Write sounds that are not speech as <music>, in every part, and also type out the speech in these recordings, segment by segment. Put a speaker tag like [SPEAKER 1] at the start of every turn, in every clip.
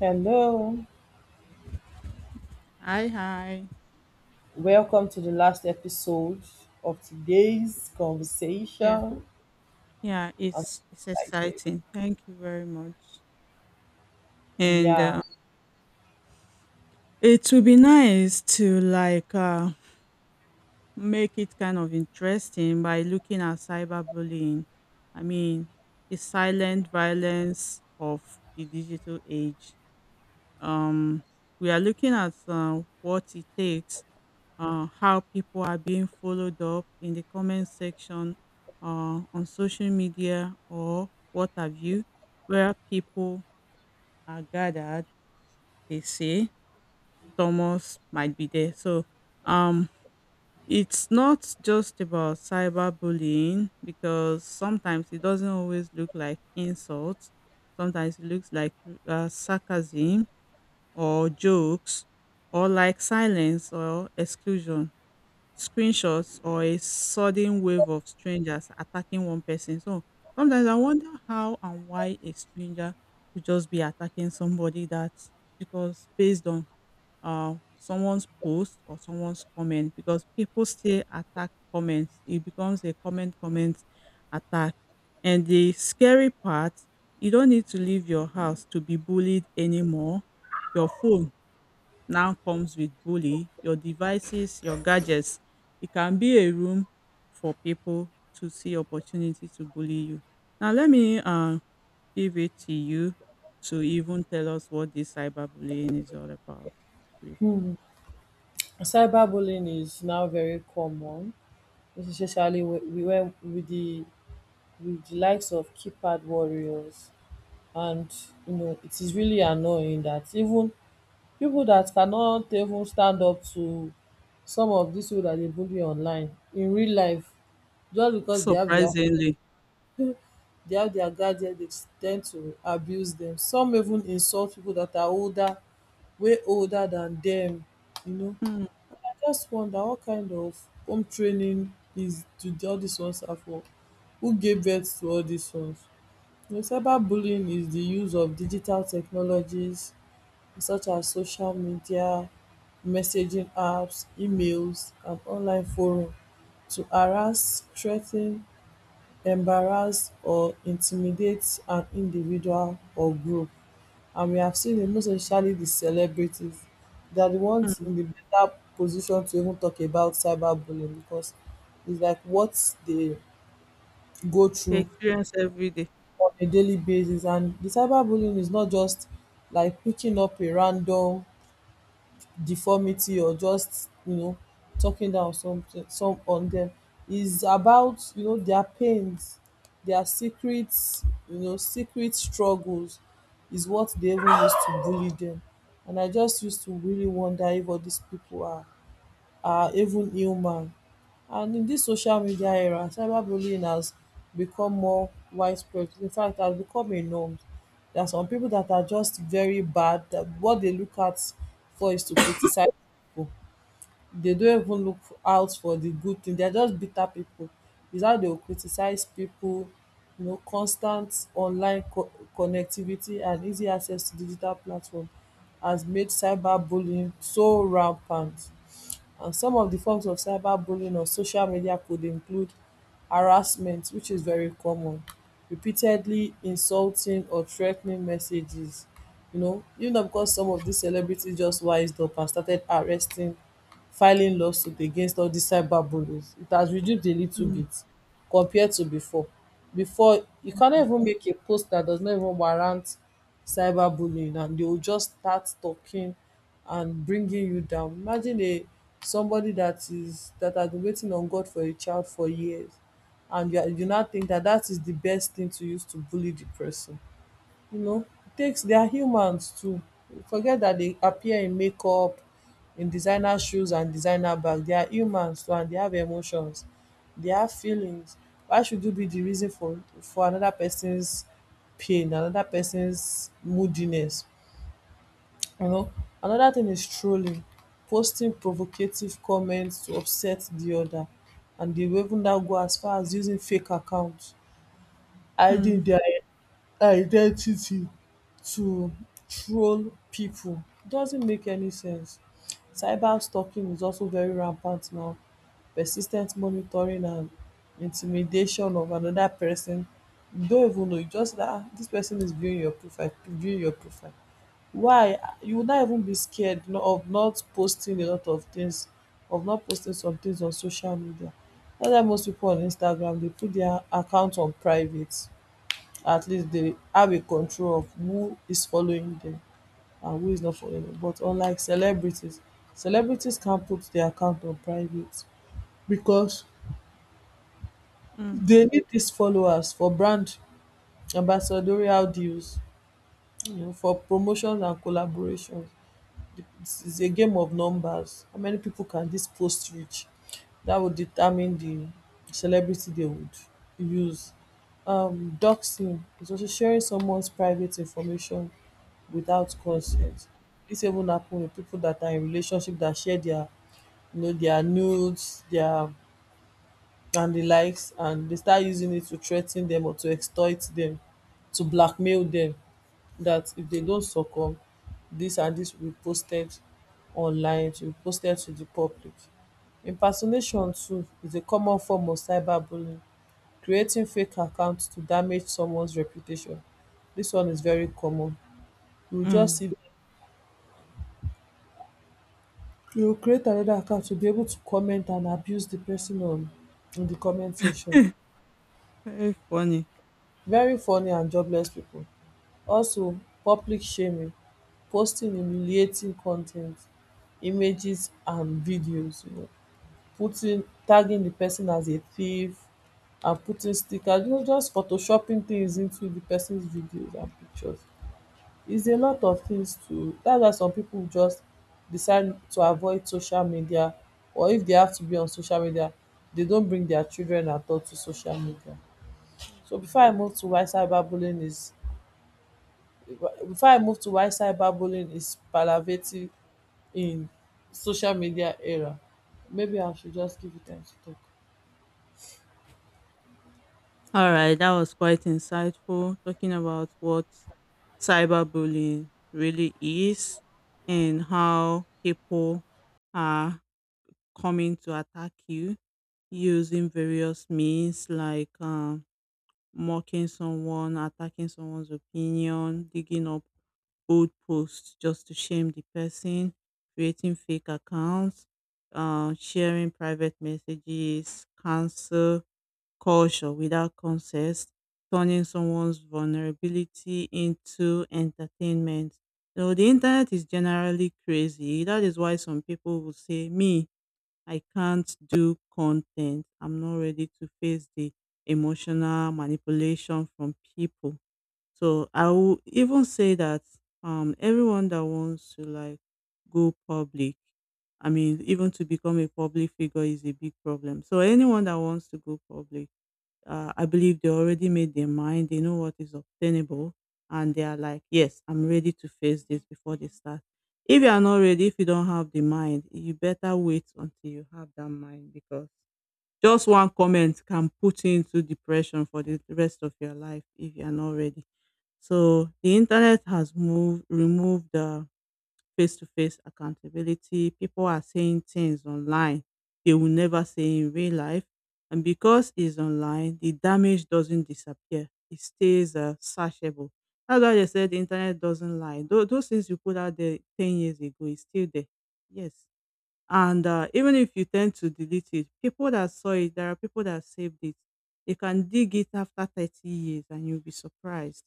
[SPEAKER 1] Hello,
[SPEAKER 2] Hi, hi.
[SPEAKER 1] welcome to the last episode of today's
[SPEAKER 2] Yeah,
[SPEAKER 1] conversation.
[SPEAKER 2] yeah,
[SPEAKER 1] I'm so
[SPEAKER 2] it's
[SPEAKER 1] excited.
[SPEAKER 2] exciting. Thank you very much. And
[SPEAKER 1] Yeah.
[SPEAKER 2] It would be nice to make it kind of interesting by looking at cyberbullying. I mean, the silent violence of the digital age. Um, we are looking at what it takes, how people are being followed up in the comment section, on social media or what have you, where people are gathered. They say Thomas might be there. So um, it's not just about cyberbullying because sometimes it doesn't always look like insults. Sometimes it looks like sarcasm or jokes or like silence or exclusion, screenshots or a sudden wave of strangers attacking one person. So sometimes I wonder how and why a stranger could just be attacking somebody that, because based on someone's post or someone's comment, because people still attack comments. It becomes a comment attack. And the scary part, you don't need to leave your house to be bullied anymore. Your phone now comes with bully, your devices, your gadgets. It can be a room for people to see opportunity to bully you. Now let me give it to you to even tell us what this cyberbullying is all about briefly.
[SPEAKER 1] Hmm. Cyberbullying is now very common, especially we went with the likes of keypad warriors, and you know it is really annoying that even people that cannot even stand up to some of these people that they bully online in real life just because
[SPEAKER 2] Surprisingly,
[SPEAKER 1] they have their guardian, they tend to abuse them. Some even insult people that are older, way older than them. You know,
[SPEAKER 2] mm,
[SPEAKER 1] I just wonder what kind of home training all these ones are for? Who gave birth to all these ones? You know, cyberbullying is the use of digital technologies such as social media, messaging apps, emails, and online forum to harass, threaten, embarrass or intimidate an individual or group. And we have seen it, most especially the celebrities, they are the ones
[SPEAKER 2] mm,
[SPEAKER 1] in the better position to even talk about cyberbullying because it's like what they go
[SPEAKER 2] they
[SPEAKER 1] through
[SPEAKER 2] experience every day.
[SPEAKER 1] on a daily basis. And the cyberbullying is not just like picking up a random deformity or just, you know, talking down some on them. Is about, you know, their pains, their secrets, you know, secret struggles is what they even use to bully them. And I just used to really wonder if all these people are even human. And in dis social media era, cyberbullying has become more widespread. In fact, it has become a norm. There are some people that are just very bad. That what they look at for is to criticize people. They don't even look out for the good thing. They are just bitter people. Is how they will criticize people. You know, constant online connectivity and easy access to digital platform has made cyberbullying so rampant. And some of the forms of cyberbullying on social media could include harassment, which is very common, repeatedly insulting or threatening messages. You know, because some of these celebrities just wised up and started arresting, filing lawsuit against all dis cyberbullies. It has reduced a little
[SPEAKER 2] Mm,
[SPEAKER 1] bit compared to before. Before, you cannot even make a post that does not even warrant cyberbullying and they will just start talking and bringing you down. Imagine a somebody that has been waiting on God for a child for years and you now think that that is the best thing to use to bully the person. You know, takes they are humans too. Forget that they appear in makeup, in designer shoes and designer bag. They are humans too and they have emotions. They have feelings. Why should you be the reason for another person's pain, another person's moodiness? You know, another thing is trolling, posting provocative comments to upset the other, and they will even now go as far as using fake accounts, hiding
[SPEAKER 2] mm,
[SPEAKER 1] their identity to troll people. It doesn't make any sense. Cyber stalking is also very rampant now. Persis ten t monitoring and intimidation of another person. You don't even know, you just that dis person is viewing your profile, viewing your profile. Why? You would not even be scared of not posting a lot of things, of not posting some things on social media. That's why most people on Instagram they put their account on private, at least they have a control of who is following them and who is not following them. But unlike celebrities, celebrities can't put their account on private because
[SPEAKER 2] mm,
[SPEAKER 1] they need these followers for brand ambassadorial deals, you know, for promotions and collaborations. It's a game of numbers. How many people can this post reach? That would determine the celebrity they would use. Doxing is also sharing someone's private information without consent. This even happen with people that are in relationship that share their, you know, their nudes, their and the likes and they start using it to threaten them or to extort them, to blackmail them, that if they don't succumb this and this will be posted online, it be posted to the public. Impersonation too is a common form of cyberbullying, creating fake accounts to damage someone's reputation. This one is very common. You will just
[SPEAKER 2] mm.
[SPEAKER 1] see, you will create another account to be able to comment and abuse the person on in the comment section.
[SPEAKER 2] Very funny.
[SPEAKER 1] Very funny and jobless people. Also public shaming, posting humiliating con ten t images and videos, you know, putting tagging the person as a thief and putting stickers, you know, just photoshopping things into the person's videos and pictures. It's a lot of things to dats why some people just decide to avoid social media, or if they have to be on social media they don't bring their children at all to social media. so before i move to why cyberbullying is Before I move to why cyberbullying is palliative in social media era. Maybe I should just give you time to talk.
[SPEAKER 2] All right, that was quite insightful, talking about what cyberbullying really is and how people are coming to attack you using various means like, mocking someone, attacking someone's opinion, digging up old posts just to shame the person, creating fake accounts, sharing private messages, cancel culture without consent, turning someone's vulnerability into entertainment. So the internet is generally crazy. That is why some people will say, "Me, I can't do content. I'm not ready to face the emotional manipulation from people." So I will even say that everyone that wants to go public, I mean, even to become a public figure, is a big problem. So anyone that wants to go public, I believe they already made their mind. They know what is obtainable, and they are like, "Yes, I'm ready to face this." Before they start, if you are not ready, if you don't have the mind, you better wait until you have that mind, because just one comment can put you into depression for the rest of your life if you are not ready. So the internet has moved, removed the face to face accountability. People are saying things online they will never say in real life. And because it's online, the damage doesn't disappear, it stays searchable. That's why they said the internet doesn't lie. Those things you put out there 10 years ago is still there. Yes. And Even if you tend to delete it, people that saw it, there are people that saved it. They can dig it after 30 years and you'll be surprised.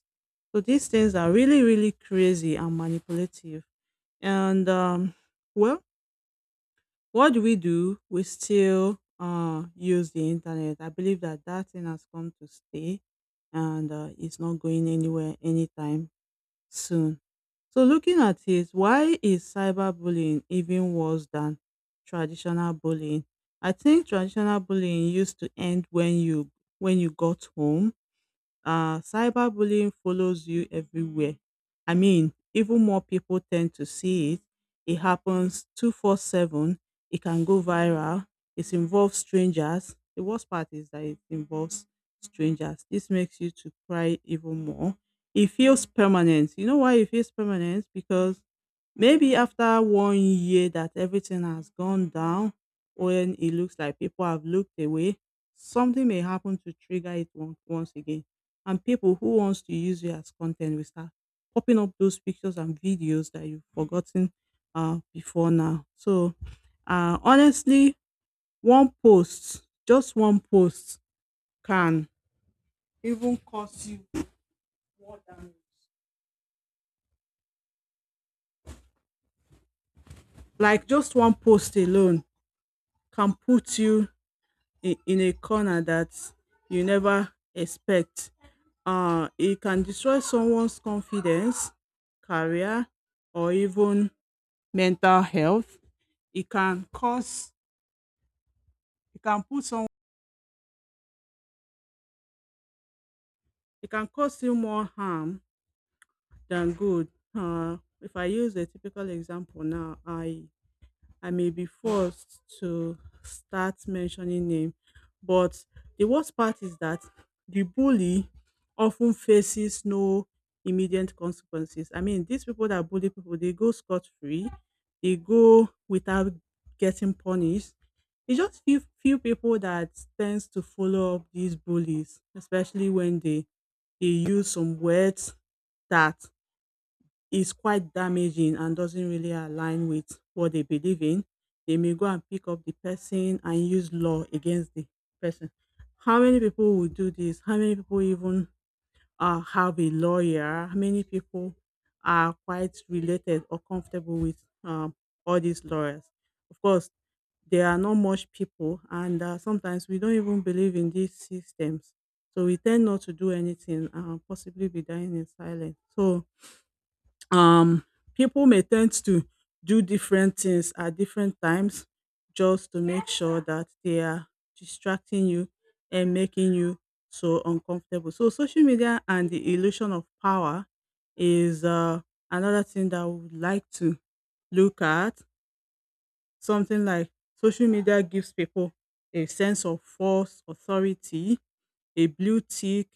[SPEAKER 2] So these things are really, really crazy and manipulative. And um, well, what do? We still use the internet. I believe that that thing has come to stay, and it's not going anywhere anytime soon. So looking at it, why is cyberbullying even worse than traditional bullying? I think traditional bullying used to end when you got home. Cyberbullying follows you everywhere. I mean, even more people tend to see it. It happens 24/7. It can go viral. It involves strangers. The worst part is that it involves strangers. This makes you to cry even more. It feels permanent. You know why it feels permanent? Because maybe after 1 year that everything has gone down, when it looks like people have looked away, something may happen to trigger once again, and people who wants to use you as content will start popping up those pictures and videos that you've forgotten before now. So, honestly, one post, just one post, can even cost you more than, like, just one post alone can put you in a corner that you never expect. It can destroy someone's confidence, career, or even mental health. It can cause it can put some It can cause you more harm than good. If I use a typical example now, I may be forced to start mentioning name. But the worst part is that the bully often faces no immediate consequences. I mean, these people that bully people, they go scot free, they go without getting punished. It's just few people that tends to follow up these bullies, especially when they use some words that is quite damaging and doesn't really align with what they believe in. They may go and pick up the person and use law against the person. How many people will do this? How many people even have a lawyer? How many people are quite related or comfortable with all these lawyers? Of course, there are not much people, and sometimes we don't even believe in these systems. So we tend not to do anything and possibly be dying in silence. So um people may tend to do different things at different times just to make sure that they are distracting you and making you so uncomfortable. So social media and the illusion of power is, another thing that I would like to look at. Something like social media gives people a sense of false authority, a blue tick,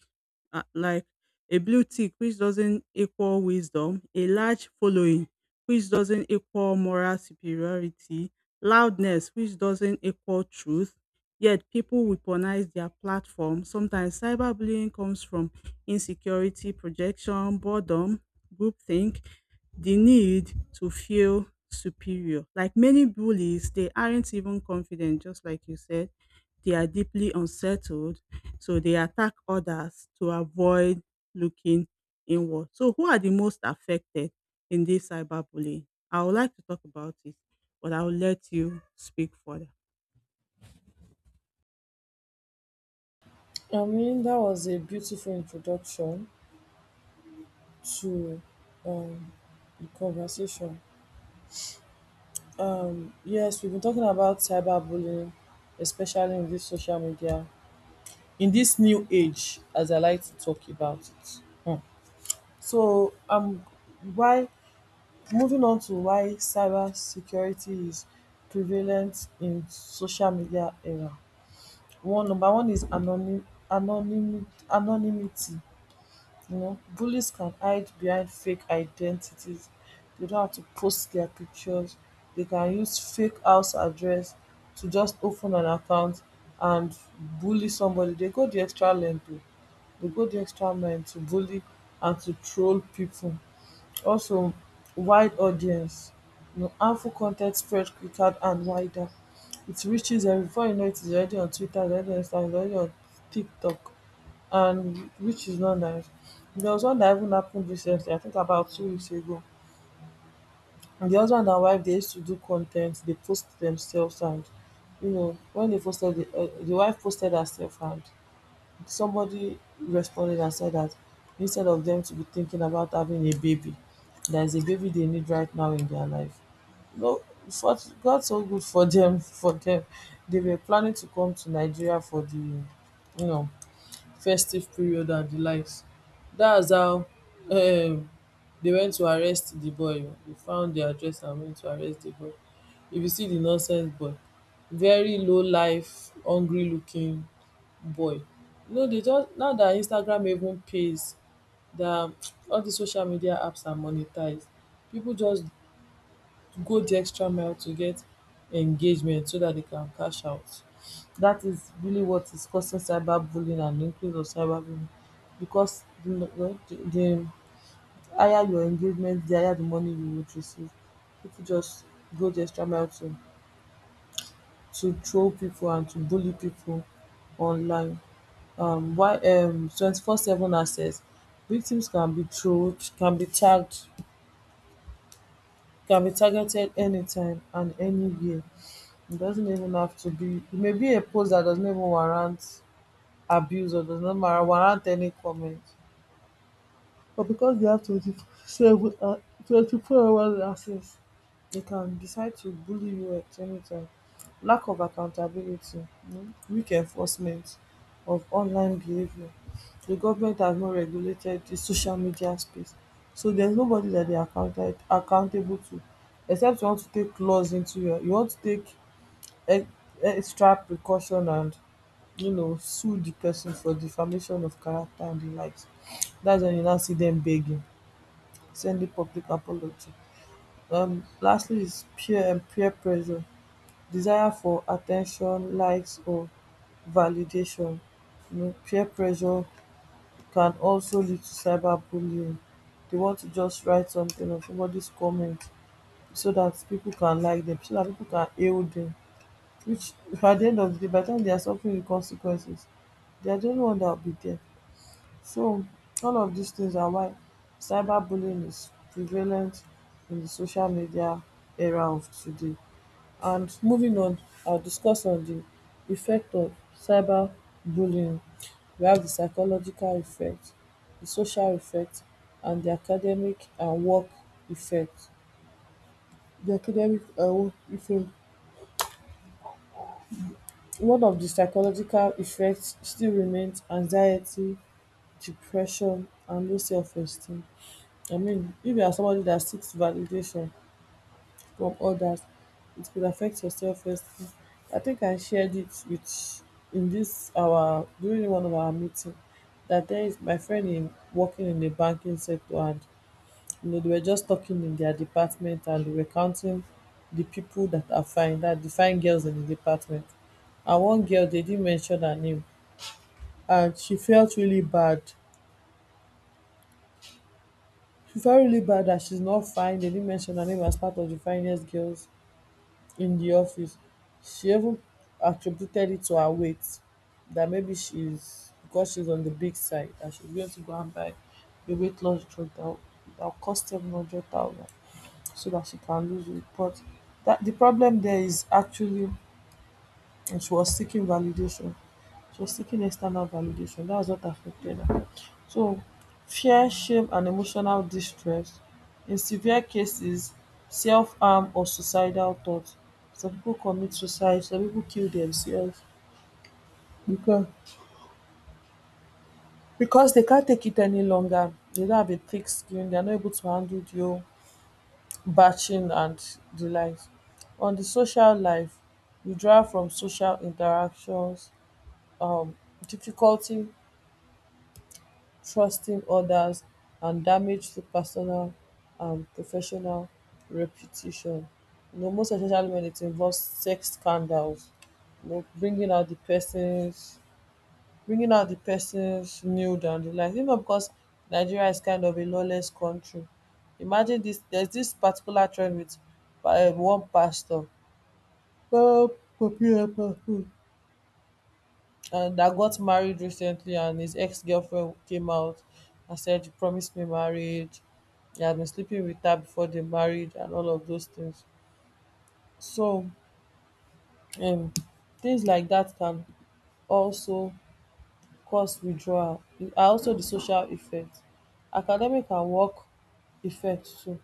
[SPEAKER 2] um like a blue tick which doesn't equal wisdom, a large following which doesn't equal moral superiority, loudness which doesn't equal truth, yet people weaponize their platform. Sometimes cyberbullying comes from insecurity, projection, boredom, groupthink, the need to feel superior. Like many bullies, they aren't even confident, just like you said. They are deeply unsettled, so they attack others to avoid looking inward. So, who are the most affected in this cyberbullying? I would like to talk about it, but I'll let you speak further.
[SPEAKER 1] I mean, that was a beautiful introduction to um, the conversation. Yes, we've been talking about cyberbullying, especially in this social media, in this new age, as I like to talk about it. Hmm. So, why moving on to why cyber security is prevalent in social media era. One, number one is anonymi anonymity. You know, bullies can hide behind fake identities. They don't have to post their pictures. They can use fake house address to just open an account and bully somebody. They go the extra length oh. They go the extra mile to bully and to troll people. Also wide audience, um, harmful con ten spread quicker and wider, it reaches, um, before you know it is already on Twitter, is already on Instagram, is already on TikTok, and which is not nice. There was one that even happened recently, I think about 2 weeks ago. And the husband and wife they used to do content. They post themselves and you know when they posted the wife posted herself and somebody responded and said that instead of them to be thinking about having a baby, there is a baby they need right now in their life. No, for God so good for them. <laughs> For them, they were planning to come to Nigeria for the, you know, festive period and the likes. That's how, um, they went to arrest the boy. They found the address and went to arrest the boy. If you see the nonsense boy, very low life, hungry looking, boy. You know, they just now that Instagram even pays, that <tsk> all the social media apps are monetized, people just go the extra mile to get engagement so that they can cash out. That is really what is causing cyberbullying and increase of cyberbullying because the higher your engagement, the higher the money you would receive. People just go the extra mile to troll people and to bully people online. Why? 24/7 access, victims can be trolled, can be tagged, can be targeted anytime and anywhere. It doesn't even have to be, it may be a post that does not even warrant abuse or does not warrant any comment. But because they have 27 hou 24 hours access, they can decide to bully you at any time. Lack of accountability, um, weak enforcement of online behaviour. The government has not regulated the social media space, so there's nobody that they are accounted accountable to, except you want to take laws into you want to take ex extra precaution and you know sue the person for defamation of character and the likes. That's when you now see them begging, send the public apology. Lastly is peer and peer pressure, desire for attention, likes or validation. You know, peer pressure can also lead to cyberbullying. They want to just write something or somebody's comment so that people can like them, so that people can hail them. Which <laughs> at the end of the day, by the time they are suffering the consequences, they are the only one that will be there. So all of these things are why cyberbullying is prevalent in the social media era of today. And moving on, I'll discuss on the effect of cyberbullying. We have the psychological effect, the social effect and the academic and work effect. The academic and work effect. One of the psychological effects still remains anxiety, depression and low self-esteem. I mean, if you are somebody that seeks validation from others, it could affect your self-esteem. I think I shared it with in this our during one of our meeting that there is my friend in working in the banking sector and you know they were just talking in their department and they were counting the people that are fine, that the fine girls in the department. And one girl they didn't mention her name and she felt really bad. She felt really bad that she's not fine. They didn't mention her name as part of the finest girls in the office. She even attributed it to her weight, that maybe she's because she's on the big side and she's going to go and buy a weight loss drug that that'll cost 700,000 so that she can lose weight. But that the problem there is actually, and she was seeking validation. She was seeking external validation. That was what affected her. So fear, shame and emotional distress. In severe cases, self-harm or suicidal thoughts. Some people commit suicide, some people kill themselves because because they can't take it any longer. They don't have a thick skin, they are not able to handle the whole batching and the likes. On the social life, withdrawal from social interactions, um, difficulty trusting others and damage to personal and professional reputation. You know, most especially when it involves sex scandals, you know, bringing out the person's nude and the like. You know, because Nigeria is kind of a lawless country. Imagine this. There's this particular trend with one pastor. "Oh, papi, eh, and that got married recently and his ex-girlfriend came out and said you promised me marriage. He had been sleeping with her before they married and all of those things. So, um things like that can also cause withdrawal. And also the social effect, academic and work effect too,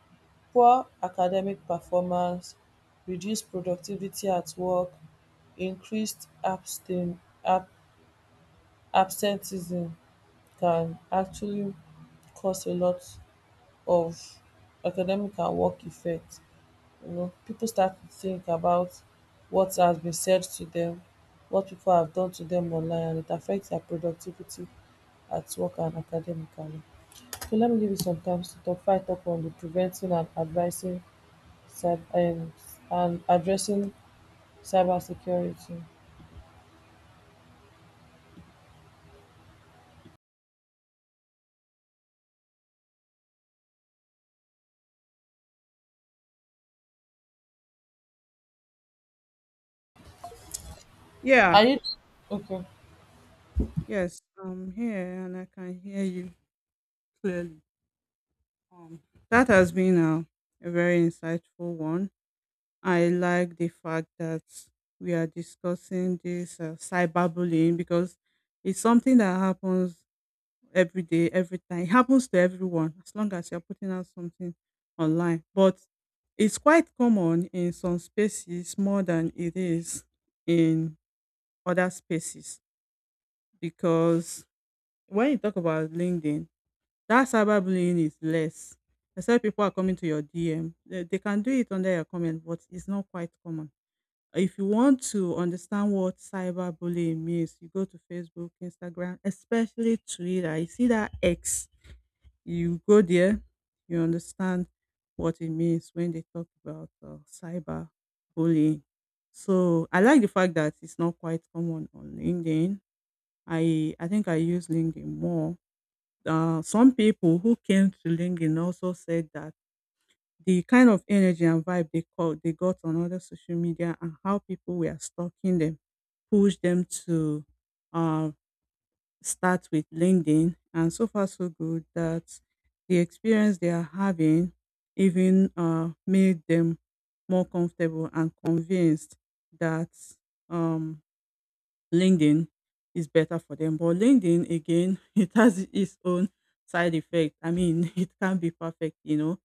[SPEAKER 1] poor academic performance, reduced productivity at work, increased abstain ab absenteeism can actually cause a lot of academic and work effect. You know, people start to think about what has been said to them, what people have done to them online, and it affects their productivity at work and academically. So let me give you some times to talk fight up on the preventing and advising cyber, and addressing cybersecurity.
[SPEAKER 2] Yeah,
[SPEAKER 1] Are you okay?
[SPEAKER 2] yes, I'm here and I can hear you clearly. Um, that has been a very insightful one. I like the fact that we are discussing this cyberbullying because it's something that happens every day, every time. It happens to everyone as long as you're putting out something online. But it's quite common in some spaces more than it is in other spaces, because when you talk about LinkedIn, that cyberbullying is less. Except people are coming to your DM. They can do it under your comment, but it's not quite common. If you want to understand what cyberbullying means, you go to Facebook, Instagram, especially Twitter. You see that X, you go there, you understand what it means when they talk about cyber bullying. So I like the fact that it's not quite common on LinkedIn. I think I use LinkedIn more. Some people who came to LinkedIn also said that the kind of energy and vibe they caught, they got on other social media, and how people were stalking them, pushed them to uh, start with LinkedIn, and so far so good that the experience they are having even made them more comfortable and convinced that um, LinkedIn is better for them. But LinkedIn again <laughs> it has its own side effect, I mean, <laughs> it can be perfect, you know.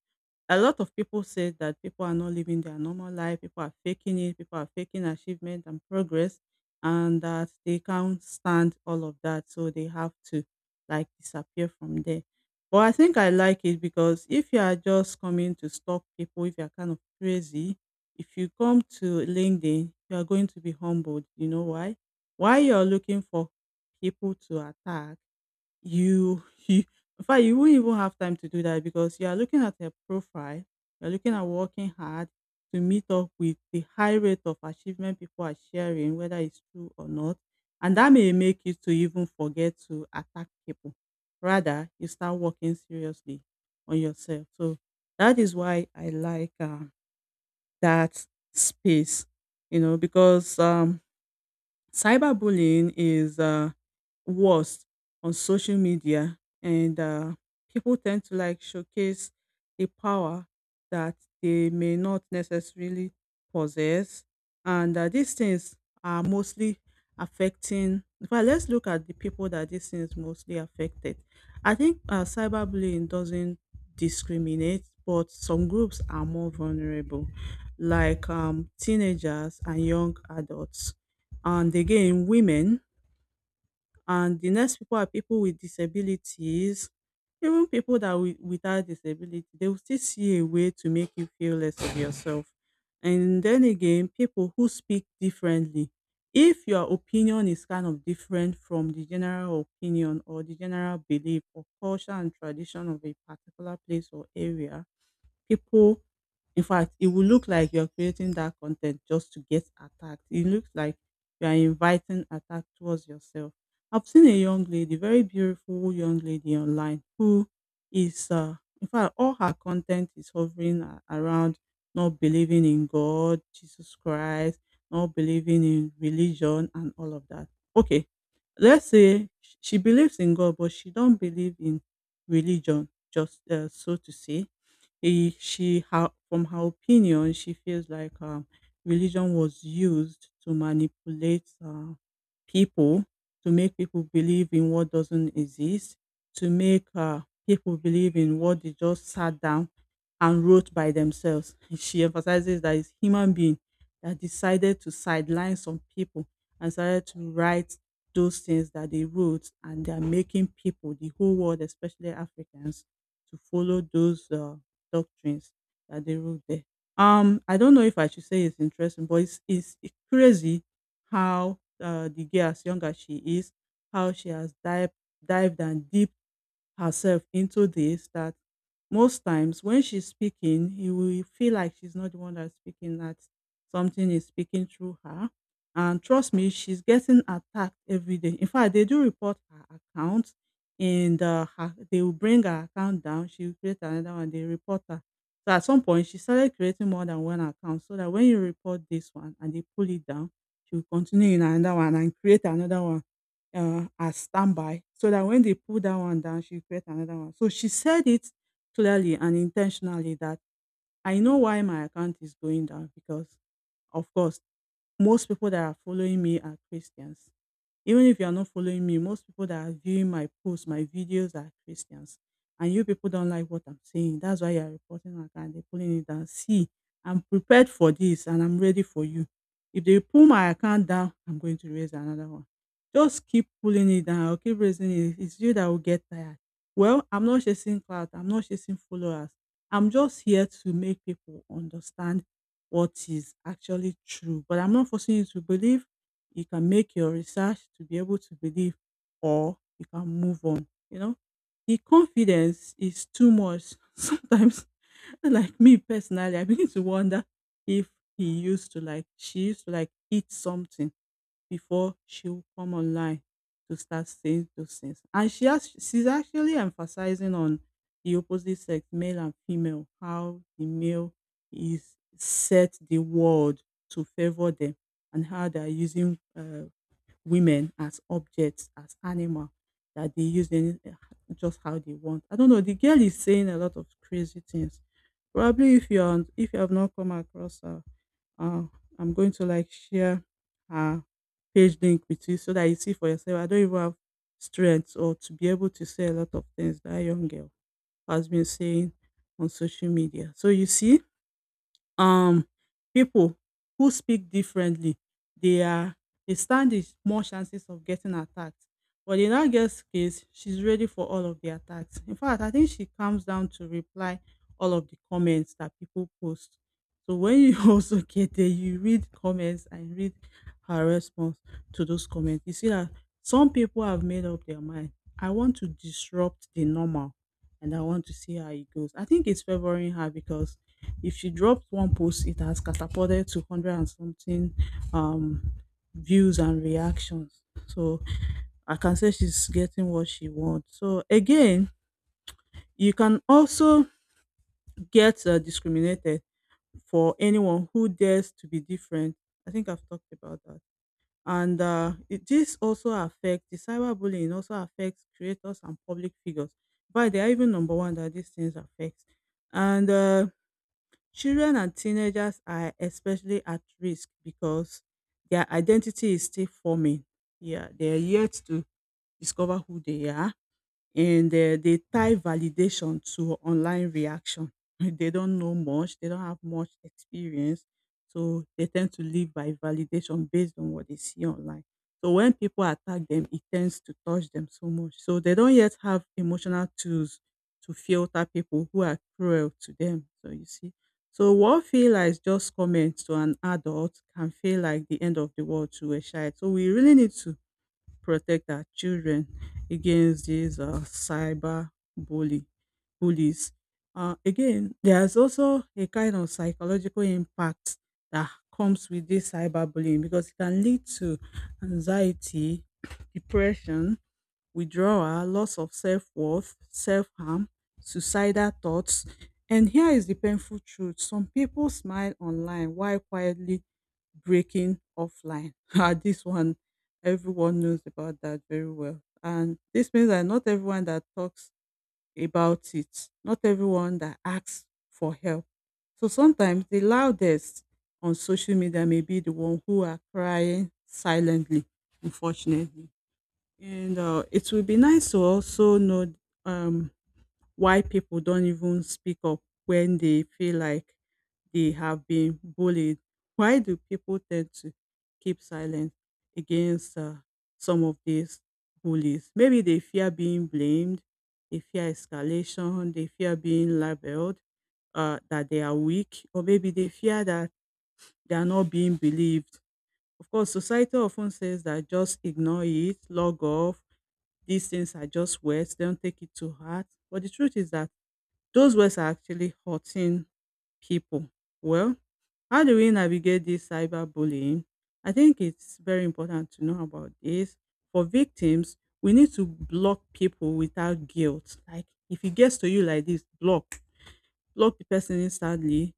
[SPEAKER 2] A lot of people say that people are not living their normal life, people are faking it, people are faking achievement and progress, and that they can't stand all of that. So they have to like disappear from there. But I think I like it because if you are just coming to stalk people, if you are kind of crazy, if you come to LinkedIn, you are going to be humbled. You know why? Why you're looking for people to attack you <laughs> you in fact you won't even have time to do that, because you are looking at her profile, you're looking at working hard to meet up with the high rate of achievement people are sharing, whether it's true or not, and that may make you to even forget to attack people. Rather, you start working seriously on yourself. So that is why I like, that space, you know, because cyberbullying is worse on social media, and people tend to like showcase a power that they may not necessarily possess. And these things are mostly affecting, well, let's look at the people that these things mostly affected. I think cyberbullying doesn't discriminate, but some groups are more vulnerable, like, teenagers and young adults, and again women, and the next people are people with disabilities. Even people that without disability, they will still see a way to make you feel less of yourself. And then again, people who speak differently. If your opinion is kind of different from the general opinion or the general belief or culture and tradition of a particular place or area, people, in fact it will look like you're creating that content just to get attacked. It looks like you are inviting attack towards yourself. I've seen a young lady, very beautiful young lady online who is in fact all her content is hovering around not believing in God, Jesus Christ, not believing in religion and all of that. Okay. Let's say she believes in God, but she don't believe in religion, just so to say. She, her, from her opinion, she feels like religion was used to manipulate people, to make people believe in what doesn't exist, to make people believe in what they just sat down and wrote by themselves. <laughs> She emphasizes that it's human being that decided to sideline some people and started to write those things that they wrote, and they are making people, the whole world, especially Africans, to follow those doctrines that they wrote there. I don't know if I should say it's interesting, but it's crazy how the girl, as young as she is, how she has dived and deep herself into this, that most times when she's speaking, you will feel like she's not the one that's speaking, that something is speaking through her. And trust me, she's getting attacked every day. In fact, they do report her account and they will bring her account down, she will create another one, they report her. So at some point she started creating more than one account, so that when you report this one and they pull it down, she will continue in another one and create another one, as standby, so that when they pull that one down she will create another one. So she said it clearly and intentionally that: I know why my account is going down because, of course, most people that are following me are Christians. Even if you are not following me, most people that are viewing my posts, my videos are Christians. And you people don't like what I'm saying. That's why you're reporting my account. They're pulling it down. See, I'm prepared for this and I'm ready for you. If they pull my account down, I'm going to raise another one. Just keep pulling it down. I'll keep raising it. It's you that will get tired. Well, I'm not chasing clout. I'm not chasing followers. I'm just here to make people understand what is actually true. But I'm not forcing you to believe. You can make your research to be able to believe, or you can move on. You know, the confidence is too much. <laughs> Sometimes, like me personally, I begin to wonder if he used to like, she used to like eat something before she will come online to start saying those things. And she's actually emphasizing on the opposite sex, male and female, how the male is set the world to favor them, and how they are using women as objects, as animal that they use any, just how they want. I don't know. The girl is saying a lot of crazy things. Probably if you have not come across her, uh, I'm going to like share her page link with you so that you see for yourself. I don't even have strength or to be able to say a lot of things that young girl has been saying on social media. So you see, um people who speak differently, they are they stand a small chances of getting attacked. But in that girl's case, she's ready for all of the attacks. In fact, I think she comes down to reply all of the comments that people post. So when you <laughs> also get there, you read comments and read her response to those comments. You see that some people have made up their mind: I want to disrupt the normal, and I want to see how it goes. I think it's favoring her because if she dropped one post, it has catapulted to hundred and something um, views and reactions. So I can say she's getting what she wants. So again, you can also get discriminated, for anyone who dares to be different. I think I've talked about that. And this also affects, the cyberbullying also affects creators and public figures, but they are even number one that these things affect. And children and teenagers are especially at risk because their identity is still forming. Yeah, they are yet to discover who they are, and they tie validation to online reaction. <laughs> They don't know much, they don't have much experience, so they tend to live by validation based on what they see online. So when people attack them, it tends to touch them so much. So they don't yet have emotional tools to filter people who are cruel to them. So you see. So what feel like just comments to an adult can feel like the end of the world to a child. So we really need to protect our children against these cyber bully bullies. Again, there's also a kind of psychological impact that comes with this cyberbullying, because it can lead to anxiety, <clears throat> depression, withdrawal, loss of self-worth, self-harm, suicidal thoughts. And here is the painful truth: some people smile online while quietly breaking offline. <laughs> Ah, this one, everyone knows about that very well. And this means that not everyone that talks about it, not everyone that asks for help. So sometimes the loudest on social media may be the one who are crying silently, unfortunately. And it will be nice to also know um, why people don't even speak up when they feel like they have been bullied. Why do people tend to keep silent against some of these bullies? Maybe they fear being blamed, they fear escalation, they fear being labeled that they are weak, or maybe they fear that they are not being believed. Of course, society often says that just ignore it, log off, these things are just words, don't take it to heart. But the truth is that those words are actually hurting people. Well, how do we navigate this cyberbullying? I think it's very important to know about this. For victims, we need to block people without guilt. Like if it gets to you like this, block. Block the person instantly.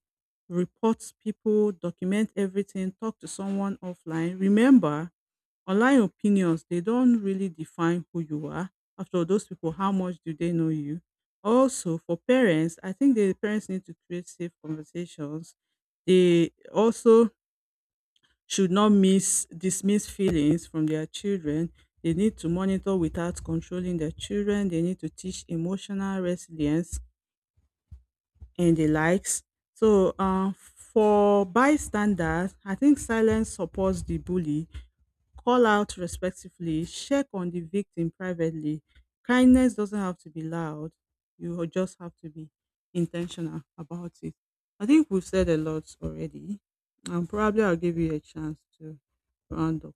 [SPEAKER 2] Report people, document everything, talk to someone offline. Remember, online opinions, they don't really define who you are. After all, those people, how much do they know you? Also, for parents, I think the parents need to create safe conversations. They also should not miss dismiss feelings from their children. They need to monitor without controlling their children. They need to teach emotional resilience and the likes. So, for bystanders, I think silence supports the bully. Call out respectfully, check on the victim privately. Kindness doesn't have to be loud. You just have to be intentional about it. I think we've said a lot already, and probably I'll give you a chance to round up.